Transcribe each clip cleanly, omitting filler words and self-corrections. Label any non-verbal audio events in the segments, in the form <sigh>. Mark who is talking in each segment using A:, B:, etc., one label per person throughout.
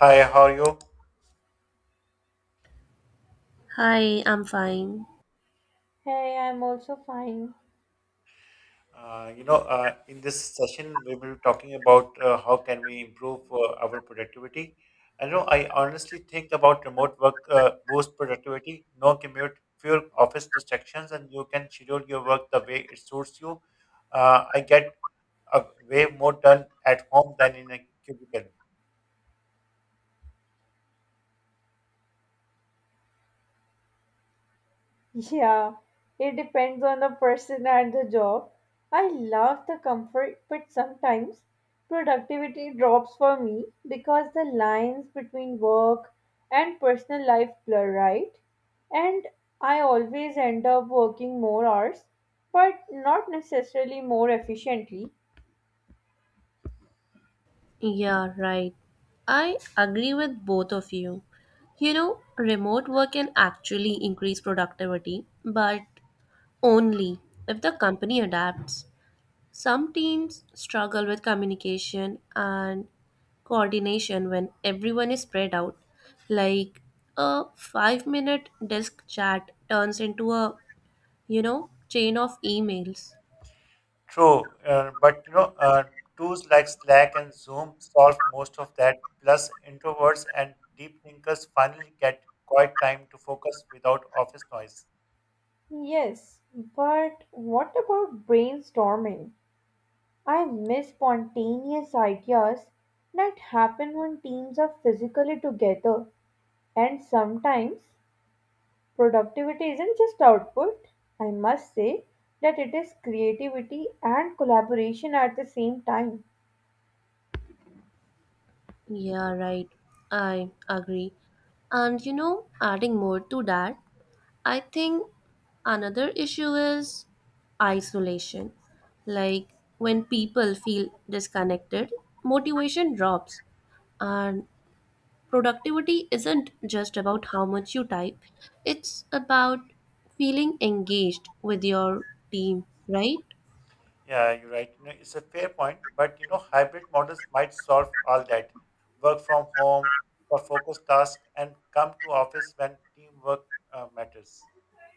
A: Hi, how are you?
B: Hi, I'm fine.
C: Hey, I'm also fine.
A: In this session, we will be talking about how can we improve our productivity. I know I honestly think about remote work boost productivity, no commute, fewer office distractions, and you can schedule your work the way it suits you. I get a way more done at home than in a cubicle.
C: <laughs> Yeah, it depends on the person and the job. I love the comfort, but sometimes productivity drops for me because the lines between work and personal life blur, right? And I always end up working more hours, but not necessarily more efficiently.
B: Yeah, right. I agree with both of you. Remote work can actually increase productivity, but only if the company adapts. Some teams struggle with communication and coordination when everyone is spread out. Like a 5-minute desk chat turns into a chain of emails.
A: True, tools like Slack and Zoom solve most of that. Plus, introverts and deep thinkers finally get quiet time to focus without office noise.
C: Yes, but what about brainstorming? I miss spontaneous ideas that happen when teams are physically together, and sometimes productivity isn't just output. I must say that it is creativity and collaboration at the same time.
B: Yeah, right. I agree. Adding more to that, I think another issue is isolation. Like when people feel disconnected, motivation drops. And productivity isn't just about how much you type, it's about feeling engaged with your team, right?
A: Yeah, you're right. You know, it's a fair point, but you know, hybrid models might solve all that. Work from home for focused tasks and come to office when teamwork matters.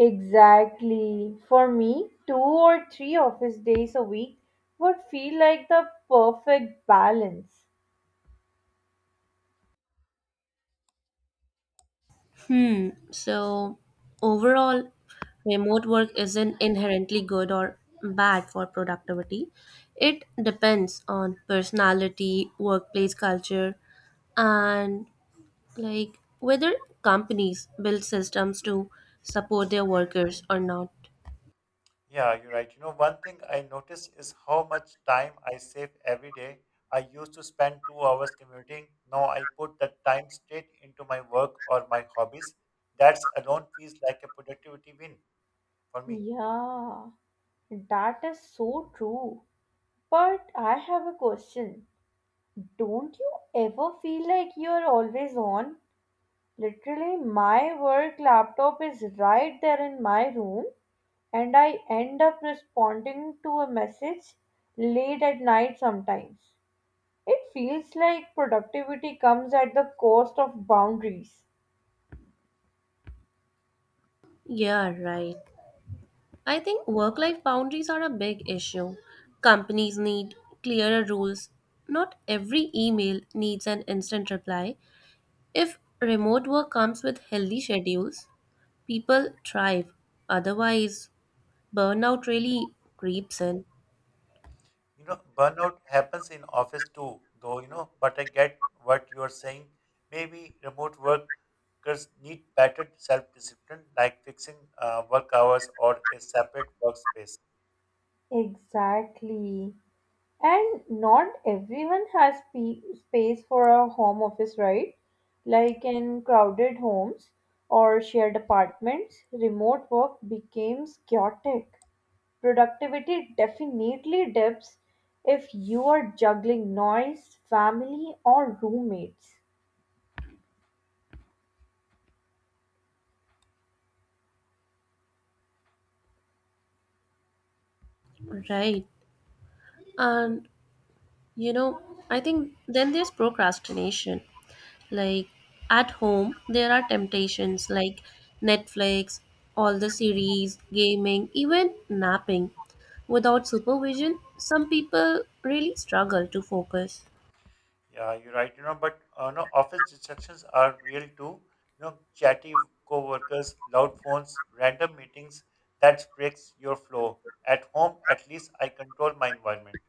C: Exactly. For me, two or three office days a week would feel like the perfect balance.
B: Hmm. So overall, remote work isn't inherently good or bad for productivity. It depends on personality, workplace culture, and like whether companies build systems to support their workers or not.
A: Yeah, you're right. You know, one thing I notice is how much time I save every day. I used to spend 2 hours commuting. Now I put that time straight into my work or my hobbies. That's alone feels like a productivity win for me.
C: Yeah, that is so true. But I have a question. Don't you ever feel like you're always on? Literally, my work laptop is right there in my room, and I end up responding to a message late at night sometimes. It feels like productivity comes at the cost of boundaries.
B: Yeah, right. I think work life boundaries are a big issue. Companies need clearer rules. Not every email needs an instant reply. If remote work comes with healthy schedules, people thrive. Otherwise, burnout really creeps in.
A: You know, burnout happens in office too, though, you know, but I get what you're saying. Maybe remote workers need better self-discipline, like fixing work hours or a separate workspace.
C: Exactly. And not everyone has space for a home office, right? Like in crowded homes or shared apartments, remote work becomes chaotic. Productivity definitely dips if you are juggling noise, family, or roommates.
B: Right. And, you know, I think then there's procrastination. Like, at home, there are temptations like Netflix, all the series, gaming, even napping. Without supervision, some people really struggle to focus.
A: Yeah, you're right. You know, but no office distractions are real too. You know, chatty coworkers, loud phones, random meetings. That breaks your flow. At home, at least I control my environment.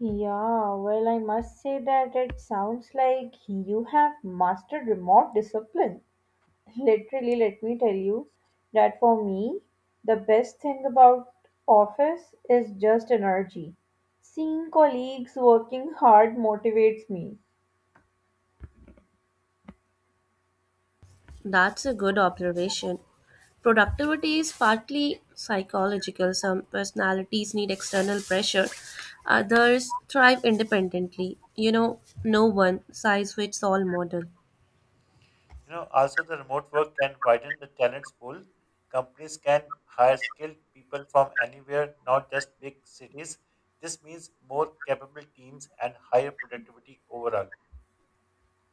C: Yeah, well, I must say that it sounds like you have mastered remote discipline. Literally, let me tell you that for me, the best thing about office is just energy. Seeing colleagues working hard motivates me.
B: That's a good observation. Productivity is partly psychological. Some personalities need external pressure, others thrive independently. No one size fits all model.
A: You know, also the remote work can widen the talent pool. Companies can hire skilled people from anywhere, not just big cities. This means more capable teams and higher productivity overall.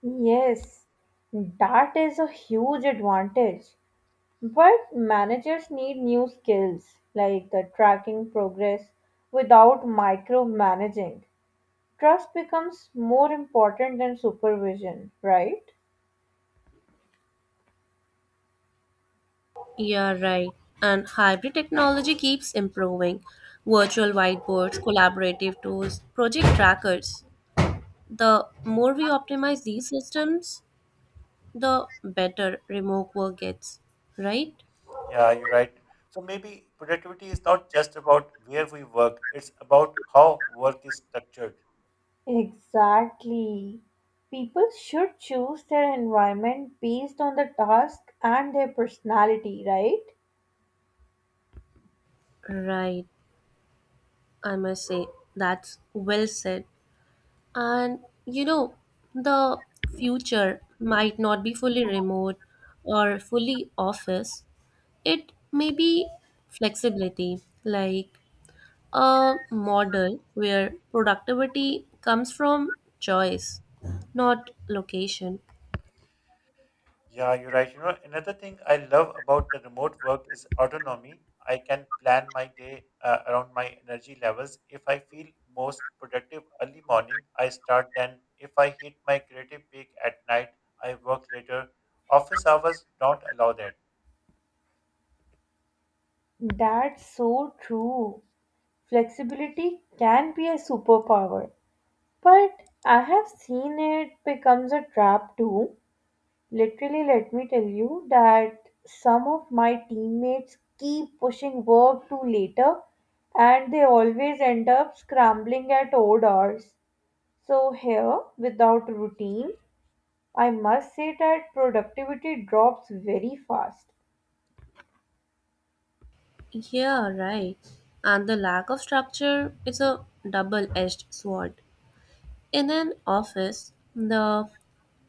C: Yes, that is a huge advantage. But managers need new skills like the tracking progress without micromanaging. Trust becomes more important than supervision, right?
B: Yeah, right. And hybrid technology keeps improving. Virtual whiteboards, collaborative tools, project trackers. The more we optimize these systems, the better remote work gets, right?
A: Yeah, you're right. So maybe productivity is not just about where we work, it's about how work is structured.
C: Exactly. People should choose their environment based on the task and their personality, right?
B: Right. I must say that's well said. And you know, the future might not be fully remote or fully office. It may be flexibility, like a model where productivity comes from choice, not location.
A: Yeah, you're right. You know, another thing I love about the remote work is autonomy. I can plan my day around my energy levels. If I feel most productive early morning, I start then. If I hit my creative peak at night, I work later. Office hours don't allow that.
C: That's so true. Flexibility can be a superpower, but I have seen it becomes a trap too. Literally, let me tell you that some of my teammates keep pushing work to later and they always end up scrambling at odd hours. So, here, without routine, I must say that productivity drops very fast.
B: Yeah, right. And the lack of structure is a double edged sword. In an office, the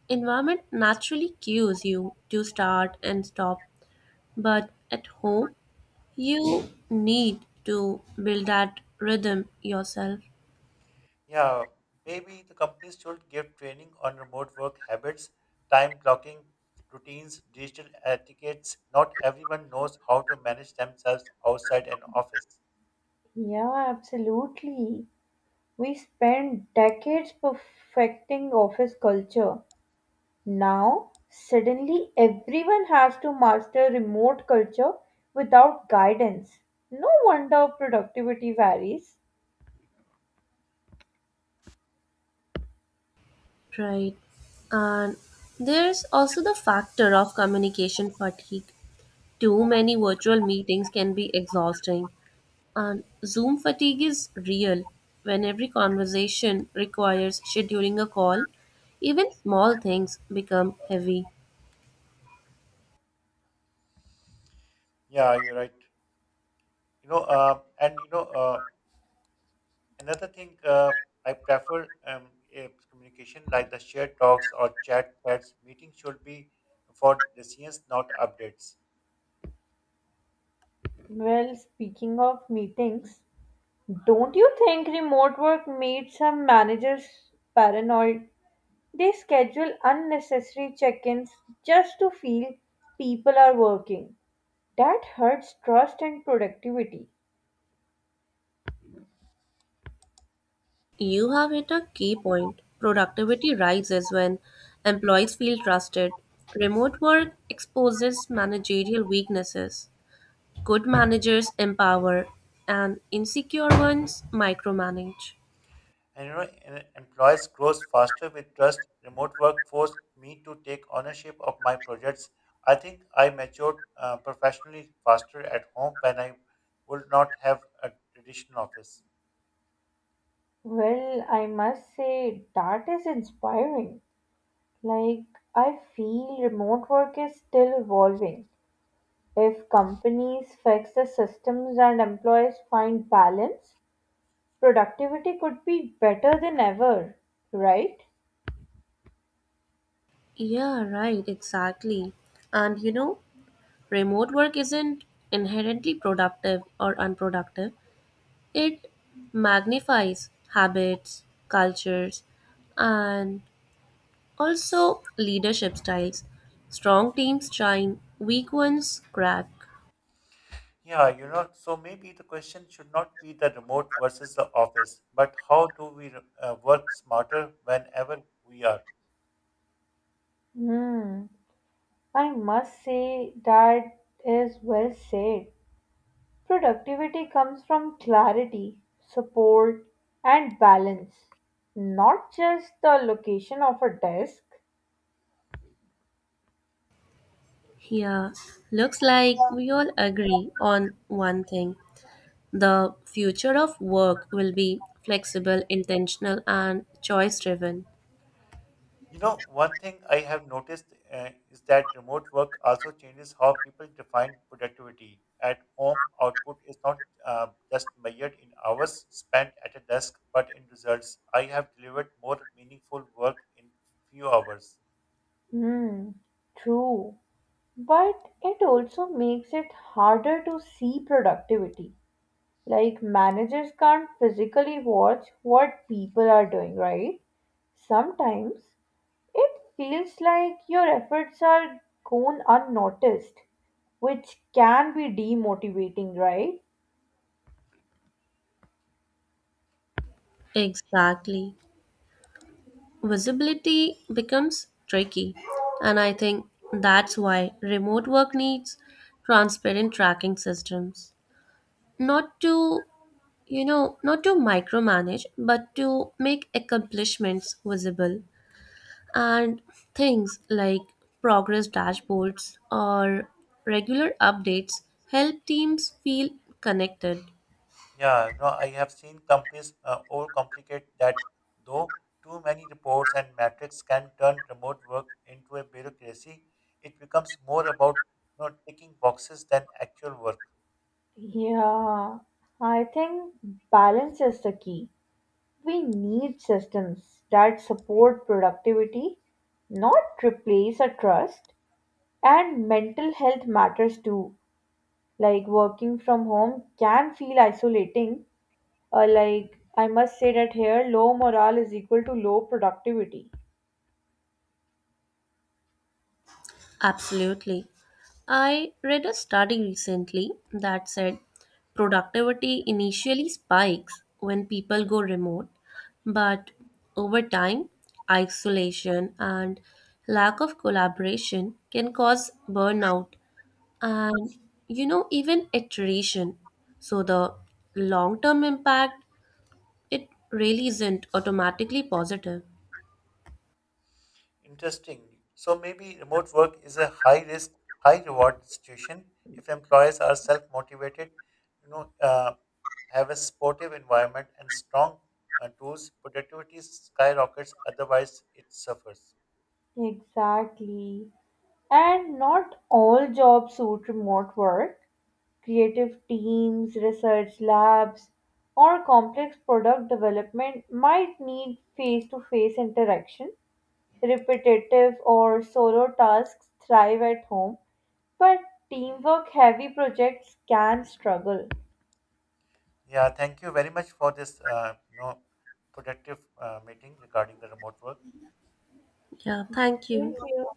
B: environment naturally cues you to start and stop, but at home, you need to build that rhythm yourself,
A: Yeah, maybe the companies should give training on remote work habits, time blocking routines, digital etiquettes. Not everyone knows how to manage themselves outside an office.
C: Yeah, absolutely. We spent decades perfecting office culture. Now, suddenly everyone has to master remote culture without guidance. No wonder productivity varies.
B: right? And there's also the factor of communication fatigue. Too many virtual meetings can be exhausting, and Zoom fatigue is real when every conversation requires scheduling a call. Even small things become heavy.
A: Yeah, you're right. You know, uh, and you know, uh, Another thing I prefer communication like the shared talks or chat threads. Meetings should be for decisions, not updates.
C: Well, speaking of meetings, don't you think remote work made some managers paranoid? They schedule unnecessary check-ins just to feel people are working. That hurts trust and productivity.
B: You have hit a key point. Productivity rises when employees feel trusted. Remote work exposes managerial weaknesses. Good managers empower, and insecure ones micromanage.
A: And you know, employees grows faster with trust. Remote work forced me to take ownership of my projects. I think I matured professionally faster at home when I would not have a traditional office.
C: Well, I must say that is inspiring. Like, I feel remote work is still evolving. If companies fix the systems and employees find balance, productivity could be better than ever, right?
B: Yeah, right, exactly. And you know, remote work isn't inherently productive or unproductive, it magnifies habits, cultures, and also leadership styles. Strong teams shine, weak ones crack.
A: Yeah, you know, so maybe the question should not be the remote versus the office, but how do we work smarter whenever we are?
C: Hmm. I must say that is well said. Productivity comes from clarity, support, and balance, not just the location of a desk.
B: Yeah, looks like we all agree on one thing. The future of work will be flexible, intentional, and choice driven.
A: You know, one thing I have noticed is that remote work also changes how people define productivity. At home, output is not just measured in hours spent at a desk, but in results. I have delivered more meaningful work in few hours.
C: Hmm, true. But it also makes it harder to see productivity. Like managers can't physically watch what people are doing, right? Sometimes it feels like your efforts are gone unnoticed, which can be demotivating, right?
B: Exactly. Visibility becomes tricky, and I think that's why remote work needs transparent tracking systems. Not to not to micromanage, but to make accomplishments visible. And things like progress dashboards or regular updates help teams feel connected.
A: Yeah, no, I have seen companies overcomplicate that, though too many reports and metrics can turn remote work into a bureaucracy. It becomes more about you know, ticking boxes than actual work.
C: Yeah, I think balance is the key. We need systems that support productivity, not replace a trust. And mental health matters too. Like working from home can feel isolating. Or like I must say that here, low morale is equal to low productivity.
B: Absolutely. I read a study recently that said productivity initially spikes when people go remote, but over time, isolation and lack of collaboration can cause burnout and even iteration. So the long term impact, it really isn't automatically positive.
A: Interesting. So maybe remote work is a high risk, high reward situation. If employees are self motivated, you know, uh, have a supportive environment and strong tools, productivity skyrockets. Otherwise, it suffers.
C: Exactly. And not all jobs suit remote work. Creative teams, research labs, or complex product development might need face to face interaction. Repetitive or solo tasks thrive at home, but teamwork heavy projects can struggle.
A: Yeah. Thank you very much for this, productive meeting regarding the remote work.
B: Yeah, thank you.
C: Thank you.